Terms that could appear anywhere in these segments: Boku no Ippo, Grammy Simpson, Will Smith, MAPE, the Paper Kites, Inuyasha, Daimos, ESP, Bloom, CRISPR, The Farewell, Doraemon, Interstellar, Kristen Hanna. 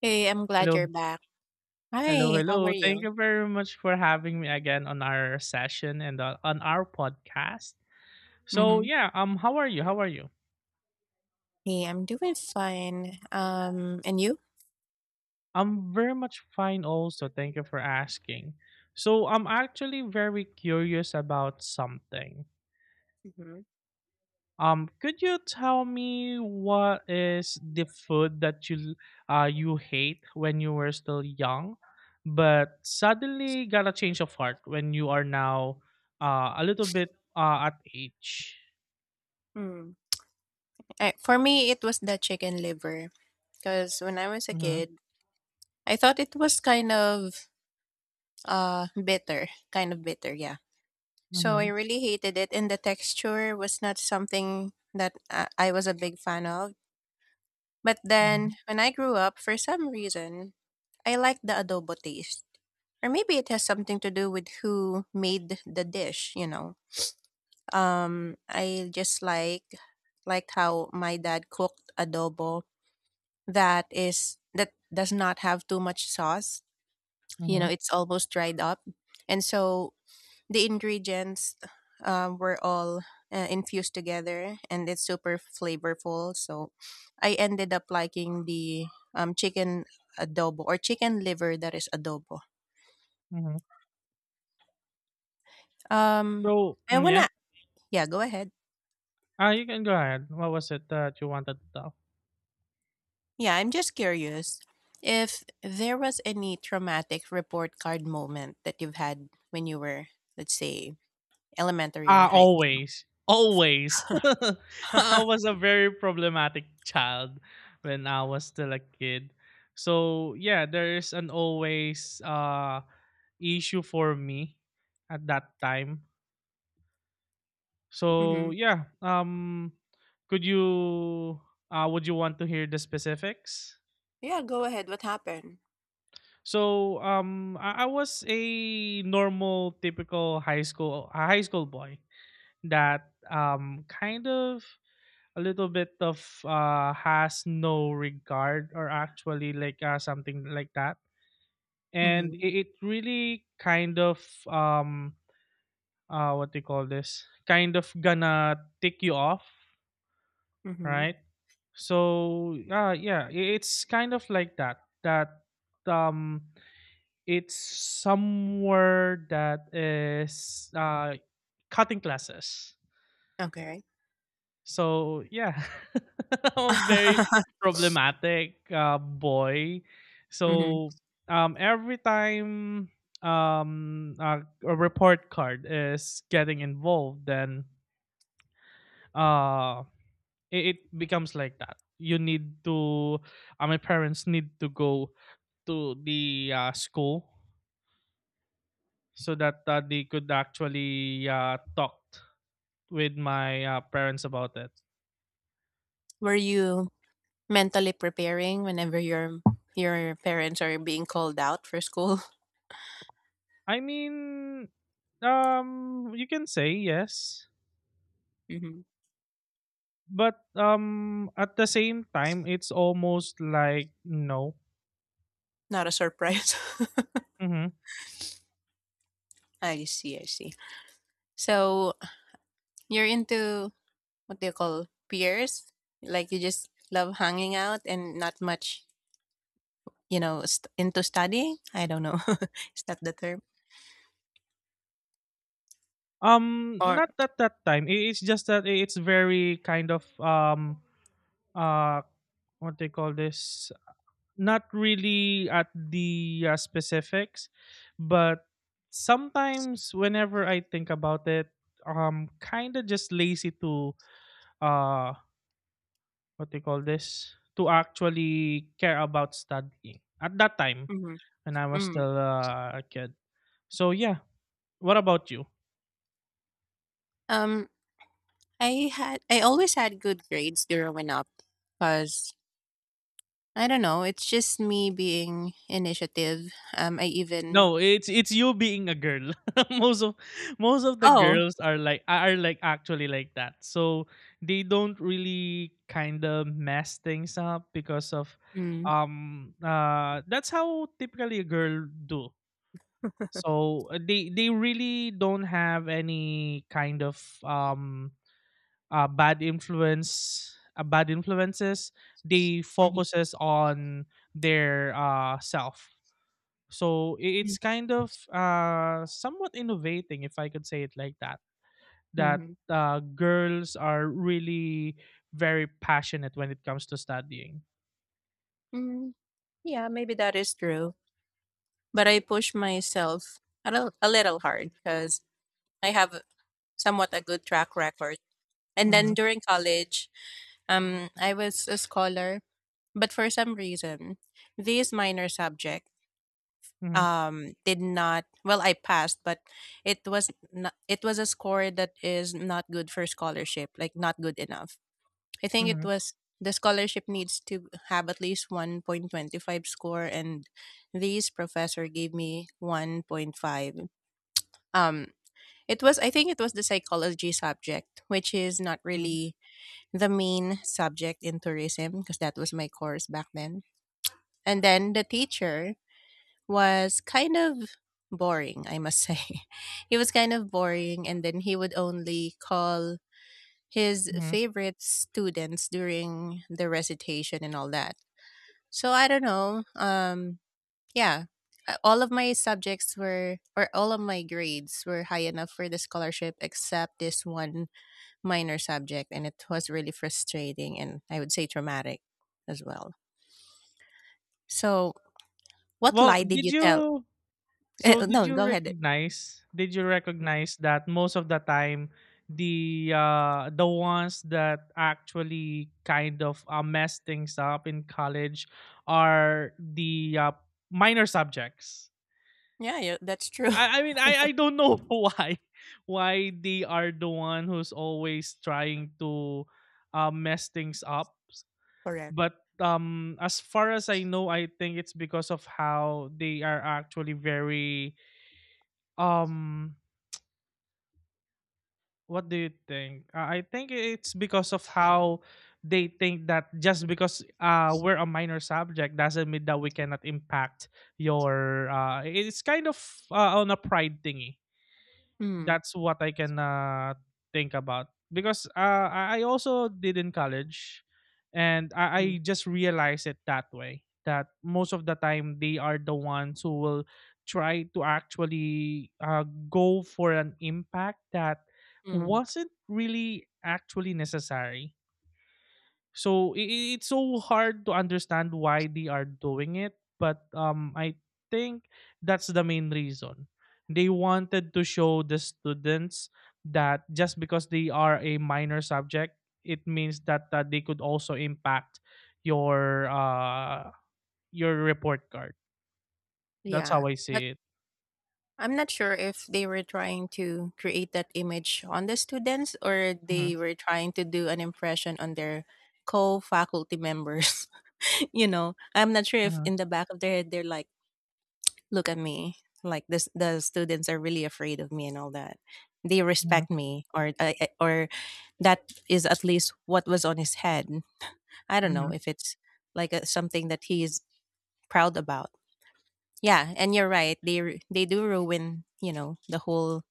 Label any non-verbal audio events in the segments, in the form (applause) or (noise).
Hey, I'm glad Hello. you're back. Hello, Hi, how are hello. Thank you? you very much for having me again on our session and on our podcast. So, Mm-hmm. yeah, how are you? How are you? Hey, I'm doing fine. And you? I'm very much fine also. Thank you for asking. So, I'm actually very curious about something. Mm-hmm. Could you tell me what is the food that you hate when you were still young but suddenly got a change of heart when you are now a little bit at age? Mm. For me, it was the chicken liver because when I was a Mhm, kid, I thought it was kind of bitter, kind of bitter, yeah. So I mhm, really hated it, and the texture was not something that I was a big fan of. But mhm, then when I grew up, for some reason, I liked the adobo taste. Or maybe it has something to do with who made the dish. I just liked how my dad cooked adobo that does not have too much sauce. You know, mhm, it's almost dried up. And so the ingredients were all infused together, and it's super flavorful. So I ended up liking the chicken adobo, or chicken liver that is adobo. mhm. Um, So I yeah? wanna, yeah, go ahead. Ah, you can go ahead. What was it that you wanted to talk? Yeah, I'm just curious if there was any traumatic report card moment that you've had when you were, let's say, elementary or Ah, high school. always. Always. (laughs) I was (laughs) a very problematic child when I was still a kid. So yeah, there is an always issue for me at that time. Hmm. So yeah, could you would you want to hear the specifics? Yeah, go ahead. What happened? So um, I was a normal typical high school boy that kind of a little bit of has no regard or actually like something like that and Hmm. it really kind of um what do you call this kind of gonna tick you off, Hmm. right? So it's kind of like that um It's somewhere that is cutting classes. Okay. So yeah, (laughs) I'm very (laughs) problematic boy. Hmm. So every time um, a, a report card is getting involved, then uh, it becomes like that. You need to, my parents need to go to the school so that they could actually talk with my parents about it. Were you mentally preparing whenever your parents are being called out for school? I mean, you can say yes, (laughs) Hmm. but at the same time, it's almost like no. Not a surprise. (laughs) Mm-hmm. I see. I see. So you're into, what do you call, peers? Like you just love hanging out and not much, into studying, I don't know. (laughs) Is that the term or Not at that time. It's just that it's very kind of uh what they call this. Not really at the, specifics, but sometimes whenever I think about it, I'm kind of just lazy to, uh, what do you call this? To actually care about studying, at that time mhm. when I was Mhm. still, a kid. So yeah, what about you? um I always had good grades growing up, because I don't know, it's just me being initiative. I even. No, it's you being a girl. (laughs) most of Most of the Oh. girls are like actually like that. So they don't really kind of mess things up because of Mm. That's how typically a girl do. So they really don't have any kind of bad influence bad influences. They Mhm. focuses on their self so Mm. it's kind of somewhat innovating, if I could say it like that, that Mhm. Girls are really very passionate when it comes to studying. Mm. Yeah, maybe that is true, but I push myself a little hard because I have somewhat a good track record. And then Hmm, during college, I was a scholar, but for some reason, this minor subject, hmm, did not well, I passed, but it was not, it was a score that is not good for scholarship, like not good enough. I think it hmm, was, the scholarship needs to have at least 1.25 score, and this professor gave me 1.5. Um it was I think it was the psychology subject, which is not really the main subject in tourism because that was my course back then. And then the teacher was kind of boring, I must say. (laughs) He was kind of boring, and then he would only call his hmm. favorite students during the recitation and all that. So I don't know. Yeah, all of my subjects were, or all of my grades were high enough for the scholarship, except this one minor subject, and it was really frustrating, and I would say traumatic as well. So, what Well, lie did did you tell? you (laughs) So Eh, no, go ahead. Did you Mm. recognize that most of the time the ones that actually kind of mess things up in college are the minor subjects. Yeah, yeah, that's true. I mean, I don't know (laughs) why they are the one who's always trying to mess things up, (laughs) Correct. but as far as I know, I think it's because of how they are actually very um what do you think? I think it's because of how they think that just because we're a minor subject doesn't mean that we cannot impact your. It's kind of on a pride thingy, Mm. that's what I can think about because I also did in college, and I Mm. just realized it that way, that most of the time they are the ones who will try to actually go for an impact that Mm. wasn't really actually necessary so it's so hard to understand why they are doing it, but I think that's the main reason. They wanted to show the students that just because they are a minor subject, it means that they could also impact your uh, your report card. That's Yeah, how I but see it. I'm not sure if they were trying to create that image on the students, or Mhm, they were trying to do an impression on their co faculty members. (laughs) You know, I'm not sure if mhm, in the back of their head they're like, look at me like this, the students are really afraid of me and all that, they mhm, respect me, or that is at least what was on his head. I don't know mhm. if it's like something that he is proud about. Yeah, and you're right, they do ruin, the whole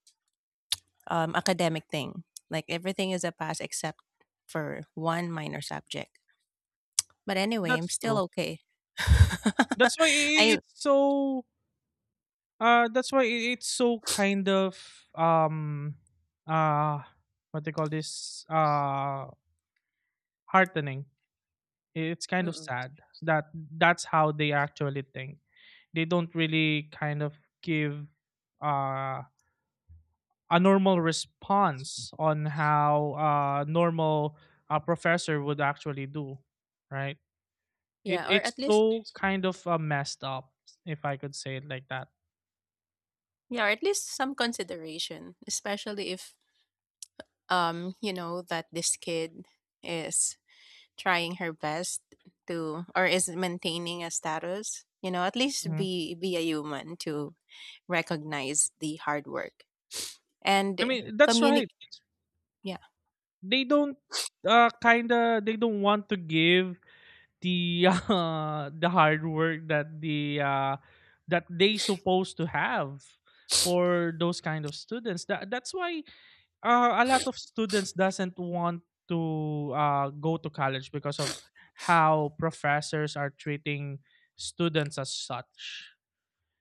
academic thing, like everything is a pass except for one minor subject, but anyway, I'm That's still true. okay. (laughs) That's why I- I it's so uh, that's why it's so kind of uh what they call this, heartening. It's kind of Mm-mm. sad that that's how they actually think. They don't really kind of give uh a normal response on how normal a professor would actually do, right? It yeah or it's at least so kind of messed up if I could say it like that. Yeah, or at least some consideration, especially if you know that this kid is trying her best, to or is maintaining a status. You know, at least Mhm. be a human to recognize the hard work and I mean, that's right. communicate. Yeah. They don't kinda they don't want to give the (laughs) the hard work that the that they supposed to have for those kind of students, that that's why a lot of students doesn't want to go to college because of how professors are treating students as such.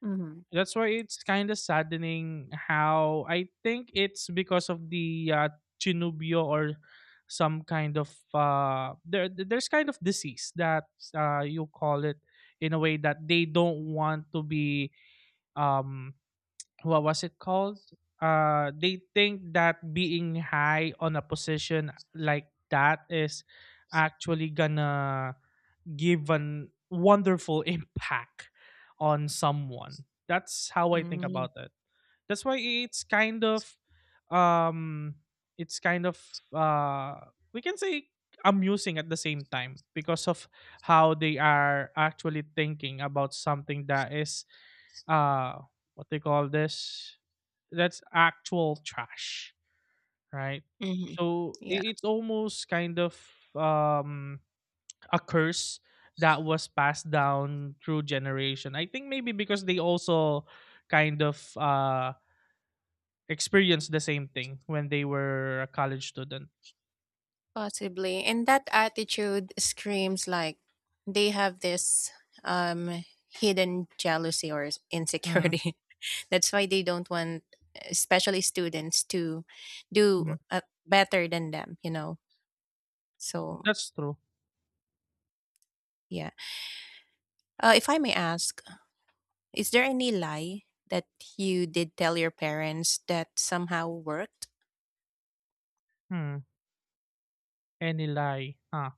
Mm-hmm. That's why it's kind of saddening, how I think it's because of the chinubio or some kind of there there's kind of disease that you call it, in a way that they don't want to be um what was it called, they think that being high on a position like that is actually gonna give an wonderful (laughs) impact on someone. That's how I think about it. That's why um it's kind of uh we can say amusing at the same time, because of how they are actually thinking about something that is uh what they call this, that's actual trash, right? Mm-hmm. So Yeah. It's almost kind of um a curse that was passed down through generation. I think maybe because they also kind of experienced the same thing when they were a college student. Possibly. And that attitude screams like they have this hidden jealousy or Mhm, insecurity. (laughs) That's why they don't want, especially, students to do mhm. Better than them. So, That's true. yeah. If I may ask, is there any lie that you did tell your parents that somehow worked? Hmm. Any lie? Huh.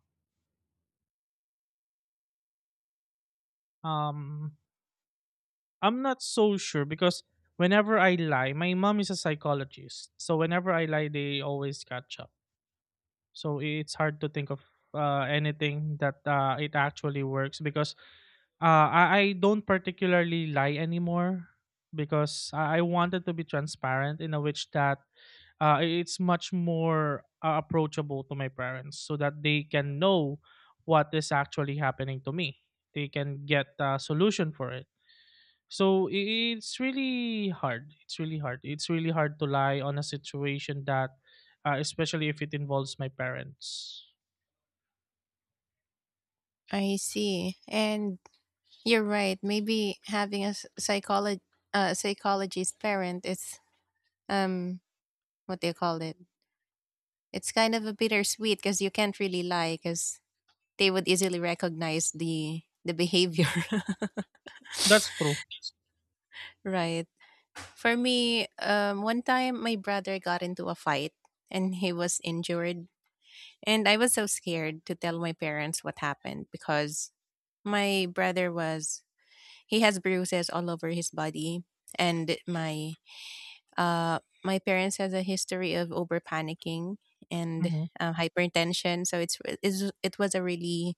Um, I'm not so sure because whenever I lie, my mom is a psychologist. So whenever I lie, they always catch up. So it's hard to think of anything that it actually works because I don't particularly lie anymore because I wanted to be transparent in a which that it's much more approachable to my parents so that they can know what is actually happening to me. They can get a solution for it so it's really hard. It's really hard. It's really hard to lie on a situation that, especially if it involves my parents. I see. And you're right. Maybe having a psychologist psychologist parent is, um what do you call it, it's kind of a bittersweet, because you can't really lie because they would easily recognize the behavior. That's true. (laughs) Right? For me, one time my brother got into a fight and he was injured, and I was so scared to tell my parents what happened because my brother was he has bruises all over his body, and my parents has a history of over panicking and Mhm. Hypertension, so it was a really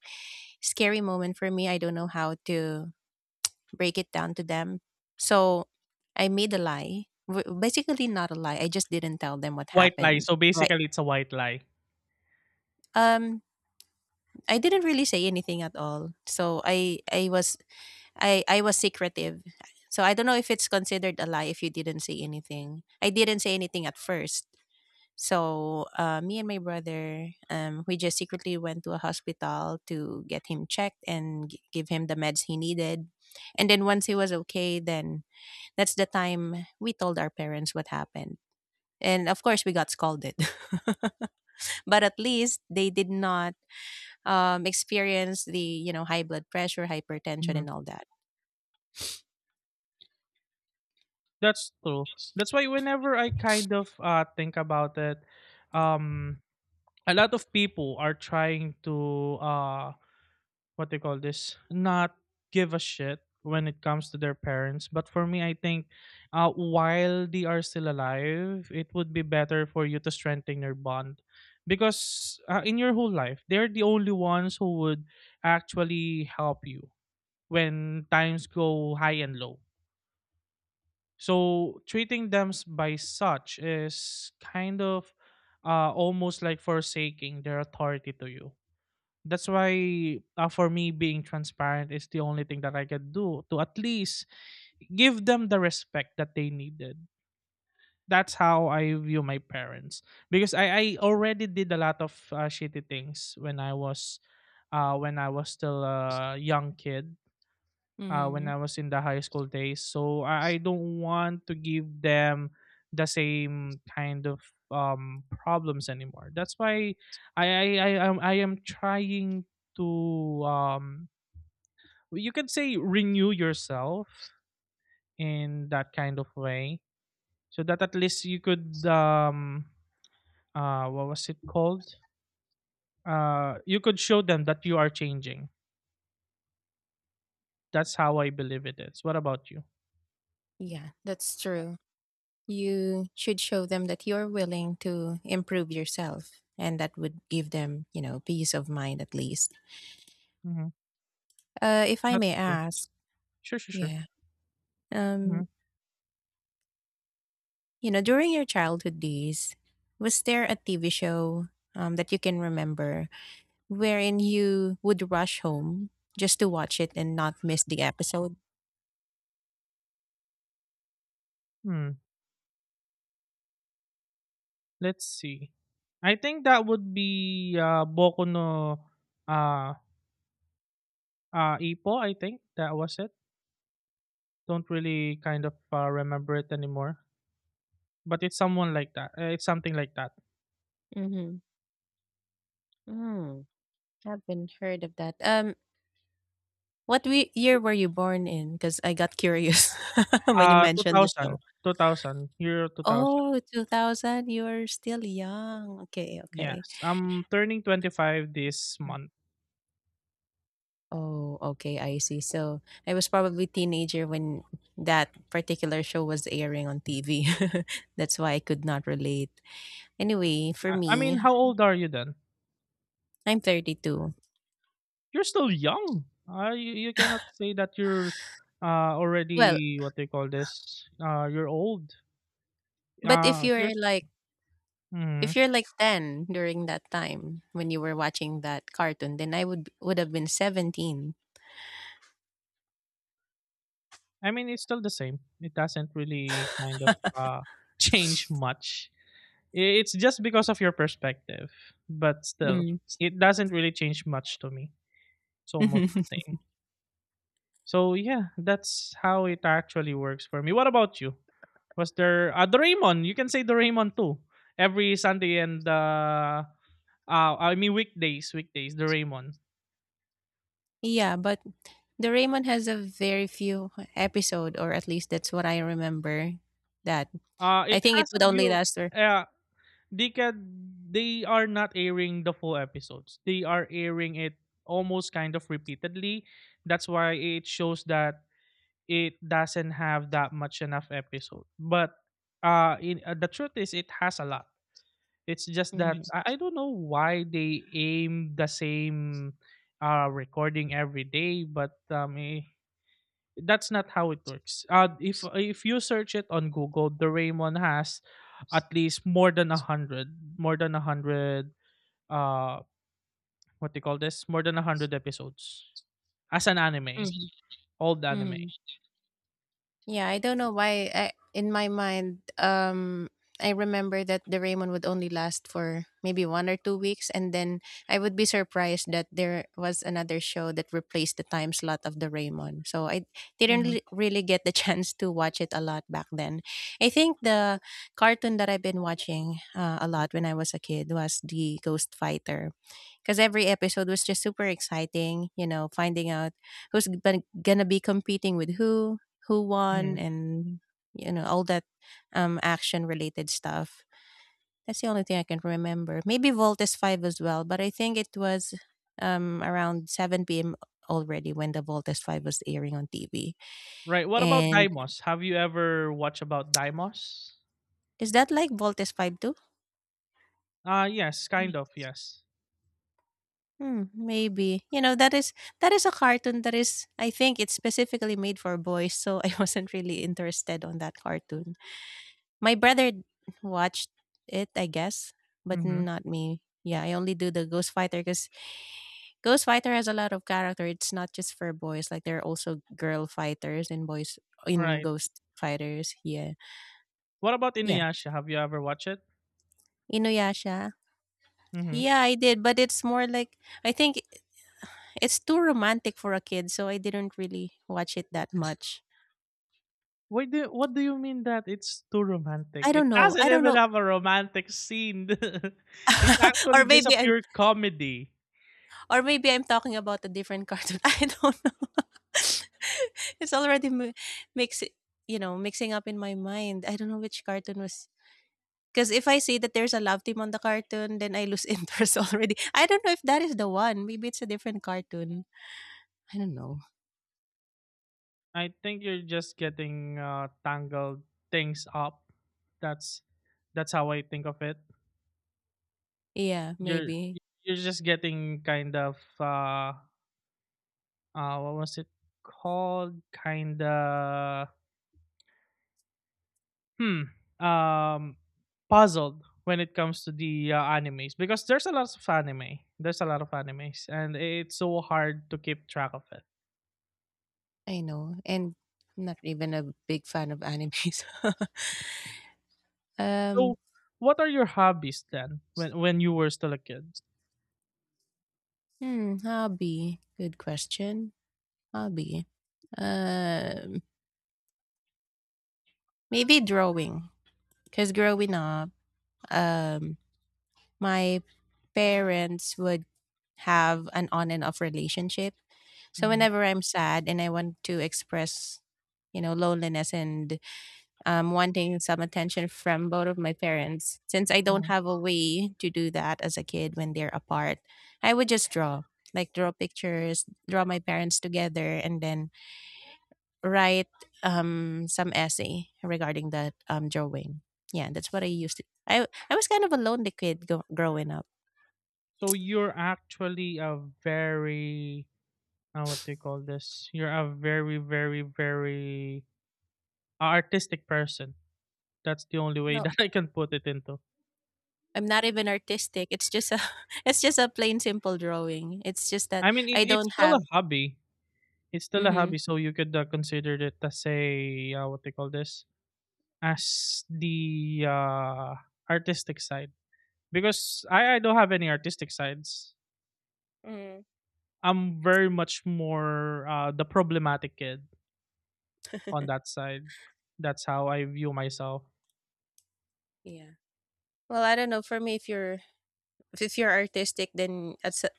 scary moment for me. I don't know how to break it down to them, so I made a lie. Basically, not a lie. I just didn't tell them what White lie. happened. So Right. basically, it's a white lie. Um, I didn't really say anything at all. So I was secretive. So I don't know if it's considered a lie if you didn't say anything. I didn't say anything at first. So me and my brother, we just secretly went to a hospital to get him checked and give him the meds he needed. And then once he was okay, then that's the time we told our parents what happened. And of course, we got scolded, (laughs) but at least they did not experience the high blood pressure, hypertension, Mhm. and all that. That's true. That's why whenever I kind of think about it, um, a lot of people are trying to what they call this, not give a shit when it comes to their parents, but for me I think while they are still alive it would be better for you to strengthen your bond because in your whole life they're the only ones who would actually help you when times go high and low, so treating them by such is kind of almost like forsaking their authority to you. That's why, for me, being transparent is the only thing that I can do to at least give them the respect that they needed. That's how I view my parents because I already did a lot of shitty things when I was still a young kid, when Hmm. I was in the high school days. So I don't want to give them the same kind of problems anymore. That's why I I, I am trying to you can say, renew yourself in that kind of way, so that at least you could what was it called? You could show them that you are changing. That's how I believe it is. What about you? Yeah, that's true. You should show them that you're willing to improve yourself, and that would give them, you know, peace of mind at least. Hmm. If I may That's true. ask, Sure, sure, sure. yeah, Mm-hmm. um, you know, during your childhood days, was there a TV show that you can remember wherein you would rush home just to watch it and not miss the episode? Hmm. Let's see. I think that would be, Boku no, uh, Ippo, I think that was it. Don't really kind of, remember it anymore, but it's someone like that. It's something like that. Mm-hmm. Mm, haven't heard of that. What we year were you born in? Because I got curious (laughs) when you mentioned the show. 2000, 2000, year 2000. Oh, 2000, you're still young. Okay, okay. Yes, I'm turning 25 this month. Oh, okay, I see. So, I was probably teenager when that particular show was airing on TV. (laughs) That's why I could not relate. Anyway, for I mean, me, how old are you then? I'm 32. You're still young. You, you cannot say that you're Well, already, what they call this, you're old. but if you're You're, like if Mhm. you're like 10 during that time when you were watching that cartoon, then I would have been 17. I mean, it's still the same. It doesn't really kind of (laughs) change much. It's just because of your perspective, but still, Mm. it doesn't really change much to me. It's almost the (laughs) same. So yeah, that's how it actually works for me. What about you? Was there Doraemon? You can say Doraemon too. Every Sunday and I mean weekdays, weekdays Doraemon. Yeah, but the Raymond has a very few episode, or at least that's what I remember. That I It think it has a would only view. last for. Uh, they can they are not airing the full episodes. They are airing it almost kind of repeatedly. That's why it shows that it doesn't have that much enough episode. But the truth is it has a lot. It's just that I don't know why they aim the same recording every day, but that's not how it works. If you search it on Google, the Raymond has at least more than a hundred, more than a hundred. Uh, what do you call this? More than a hundred episodes as an anime, old anime. Hmm. Yeah, I don't know why. In my mind, I remember that the Raymond would only last for maybe 1 or 2 weeks, and then I would be surprised that there was another show that replaced the time slot of the Raymond. So I didn't Hmm really really get the (laughs) chance to watch it a lot back then. I think the cartoon that I've been watching, a lot, when I was a kid, was the Ghost Fighter, because every episode was just super exciting. You know, finding out who's gonna be competing with who won, hmm and you know, all that action related stuff. That's the only thing I can remember. Maybe Voltes 5 as well, but I think it was around 7 p.m. already when the Voltes 5 was airing on TV. Right. What about And Daimos? Have you ever watched about Daimos? is that like Voltes 5 too? Yes, Yeah. kind of. Yes. Hmm, maybe. You know, that is a cartoon that is I think it's specifically made for boys, so (laughs) I wasn't really interested on that cartoon. My brother watched it, I guess, but hmm not me. Yeah, I only do the Ghost Fighter because Ghost Fighter has a lot of character. It's not just for boys; like there are also girl fighters and boys in Right. Ghost Fighters. Yeah, What about yeah. Inuyasha? Have you ever watched it? Inuyasha. Hmm Yeah, I did, but it's more like, I think, it's too romantic for a kid, so I didn't really watch it that much. Why do What do you mean that it's too romantic? I It don't know. doesn't I don't even know. have a romantic scene. (laughs) it's (laughs) or actually just a maybe I'm, pure comedy. or maybe I'm talking about a different cartoon. (laughs) I don't (laughs) it's already makes, you know, mixing up in my mind. I don't know which cartoon was. Because if I see that there's a love team on the cartoon, then I lose (laughs) interest already. I don't know if that is the one. Maybe it's a different cartoon. I don't know. I think you're just getting tangled things up. That's that's how I think of it. Yeah, You're maybe. you're just getting kind of what was it called? Kinda hmm um puzzled when it comes to the animes, because there's a lot of animes and it's so hard to keep track of it. I know. And I'm not even a big fan of animes. (laughs) So um, what are your hobbies then when you were still a kid? Hobby. Good question. Hobby. Um, maybe drawing. Because growing up, um, my parents would have an on and off relationship. So Hmm whenever I'm sad and I want to express, you know, loneliness and wanting some attention from both of my parents, since I don't hmm have a way to do that as a kid when they're apart, I would just draw, like draw pictures, draw my parents together, and then write some essay regarding that drawing. Yeah, that's what I used to. I was kind of a lonely kid growing up. so you're actually a very, what do you call this, you're a very artistic person. That's the only way (laughs) No, that I can put it into. I'm not even artistic. It's just a (laughs) it's just a plain simple drawing. It's just that I mean, it, I it's don't still a have. hobby. It's still a Mm-hmm. hobby, so you could, consider it as a, what they call this, as the, artistic side. Because I don't have any artistic sides. mm I'm very much more, the problematic kid on that side. That's how I view myself. Yeah. Well, I don't know. For me, if you're artistic, then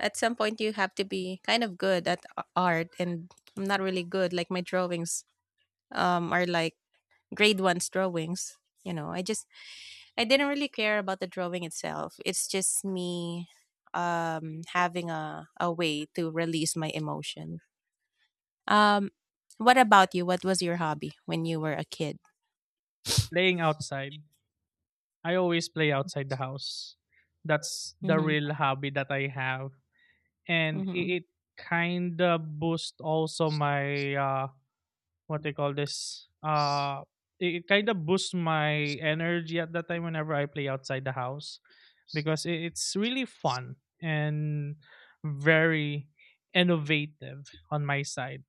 at some point you have to be kind of good at art, and I'm not really good. Like my drawings are like grade one's drawings. You know, I didn't really care about the drawing itself. It's just me having a way to release my emotion. Um what about you? What was your hobby when you were a kid? Playing outside. I always play outside the house. That's the Mhm. real hobby that I have, and Mhm. I it kinda boost also my, what they call this, it kind of boosts my energy at that time whenever I play outside the house, because it's really fun and very innovative on my side.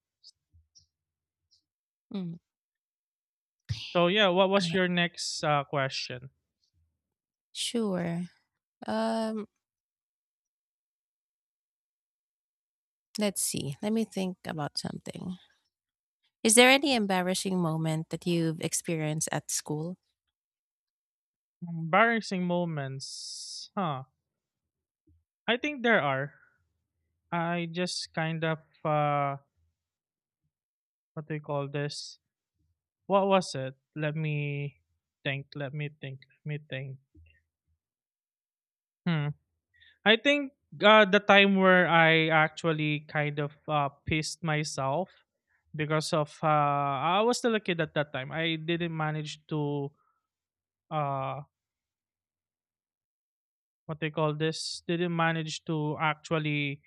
Mm. So yeah, what was Okay. your next question? Sure. Um let's see. Let me think about something. Is there any embarrassing moment that you've experienced at school? Embarrassing moments, huh? I think there are. I just kind of uh what do you call this, what was it, let me think, let me think. Hmm. I think the time where I actually kind of pissed myself because of I was still a kid at that time. I didn't manage to uh, what they call this. Didn't manage to actually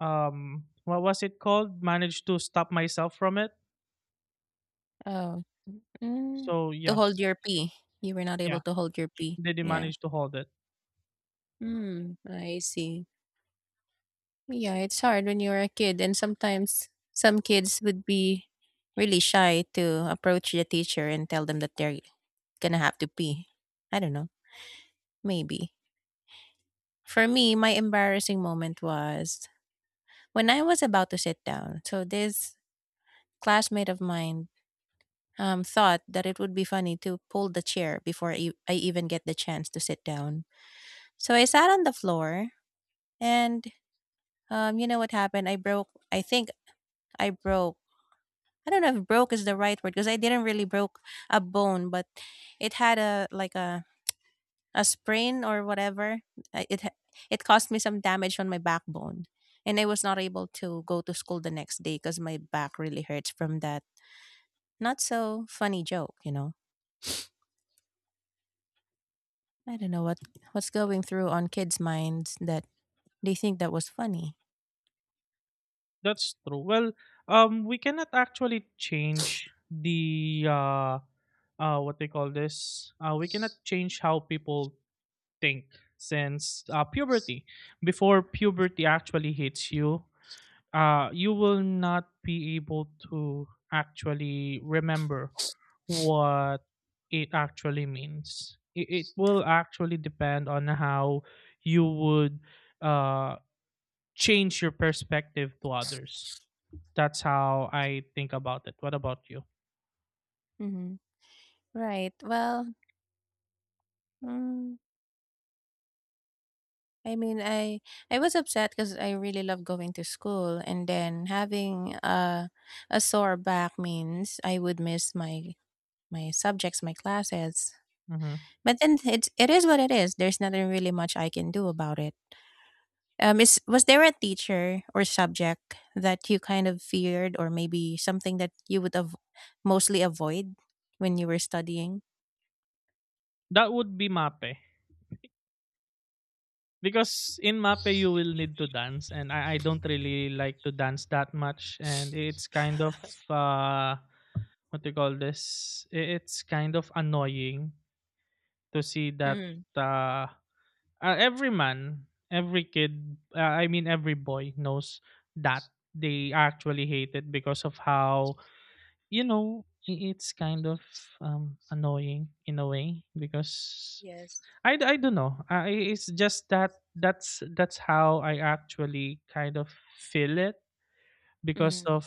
what was it called? Managed to stop myself from it. Oh, mm, So to yeah, hold your pee. You were not able yeah, to hold your pee. didn't Yeah. manage to hold it. Mm, I see. Yeah, it's hard when you're a kid, and sometimes some kids would be really shy to approach the teacher and tell them that they're gonna have to pee. I don't know. Maybe. For me, my embarrassing moment was when I was about to sit down. So this classmate of mine thought that it would be funny to pull the chair before I even get the chance to sit down. So I sat on the floor, and you know what happened? I broke. I think I broke. I don't know if "broke" is the right word because I didn't really broke a bone, but it had a like a sprain or whatever. I- It ha- it caused me some damage on my backbone, and I was not able to go to school the next day because my back really hurts from that not so funny joke. You know, I don't know what's going through on kids' minds that they think that was funny. That's true. Well, we cannot actually change the what they call this. We cannot change how people think since puberty. Before puberty actually hits you, you will not be able to actually remember what it actually means. It will actually depend on how you would uh, change your perspective to others. That's how I think about it. What about you? hmm Right. Well, mm, I mean, I I was upset because I really love going to school, and then having a sore back means I would miss my subjects, my classes, Hmm but then it is what it is. There's nothing really much I can do about it. Is was there a teacher or subject that you kind of feared, or maybe something that you would mostly avoid when you were studying? That would be MAPE. Because in MAPE you will need to dance and I don't really like to dance that much, and it's kind of (laughs) uh what do you call this? It's kind of annoying to see that Mm. uh, every every kid, I mean every boy knows that they actually hate it because of how, you know, it's kind of annoying in a way. Because Yes. I don't know. I, it's just that that's how I actually kind of feel it, because Mm. of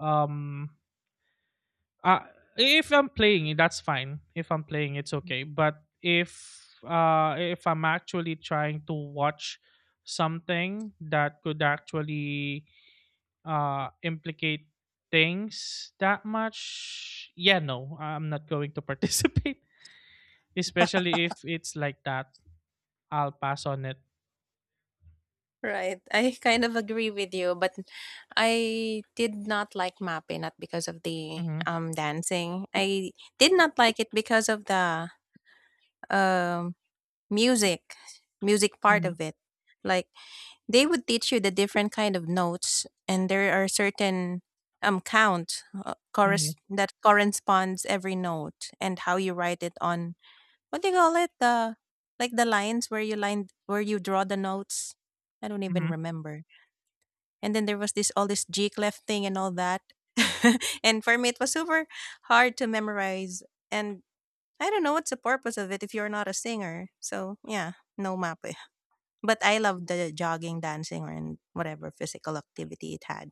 um uh, if I'm playing it, that's fine. If I'm playing, it's okay. But if I'm actually trying to watch something that could actually implicate things that much, yeah, no, I'm not going to participate. (laughs) Especially if it's like that, I'll pass on it. Right. I kind of agree with you, but I did not like Mappe not because of the Mm-hmm. Dancing. I did not like it because of the um music, music part Mhm, of it. Like they would teach you the different kind of notes and there are certain mhm, that corresponds every note and how you write it on what do you call it the like the lines where you line where you draw the notes. I don't even mhm, remember and then there was this all this G clef thing and all that. (laughs) And for me, it was super hard to memorize. And I don't know what's the purpose of it if you're not a singer. So yeah, no mappe. But I love the jogging, dancing, or and whatever physical activity it had.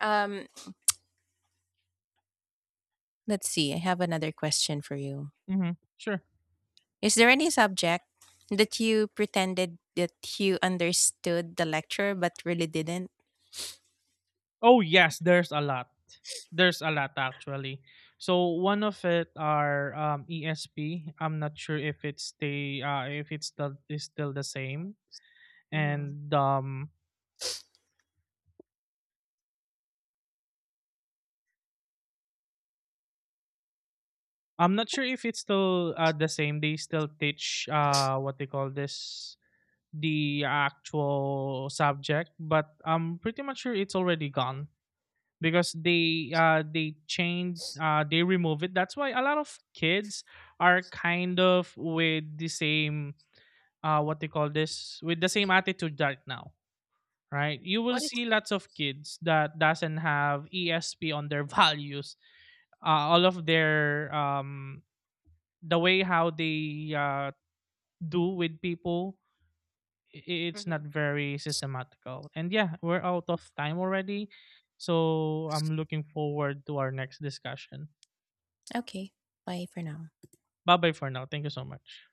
Um, let's see. I have another question for you. mhm, sure. Is there any subject that you pretended that you understood the lecture but really didn't? Oh, yes, there's a lot. There's a lot actually. So one of it are ESP. I'm not sure if it's the is still the same, Mhm. and I'm not sure if it's still the same. They still teach, what they call this, the actual subject, but I'm pretty much sure it's already gone. Because they change, they remove it. That's why a lot of kids are kind of with the same, what they call this, with the same attitude right now. Right, you will What is see lots of kids that doesn't have ESP on their (laughs) values, all of their the way how they do with people. i- it's not Mhm. very systematical, and yeah, we're out of time already, so I'm looking forward to our next discussion. Okay. Bye for now. Bye-bye for now. Thank you so much.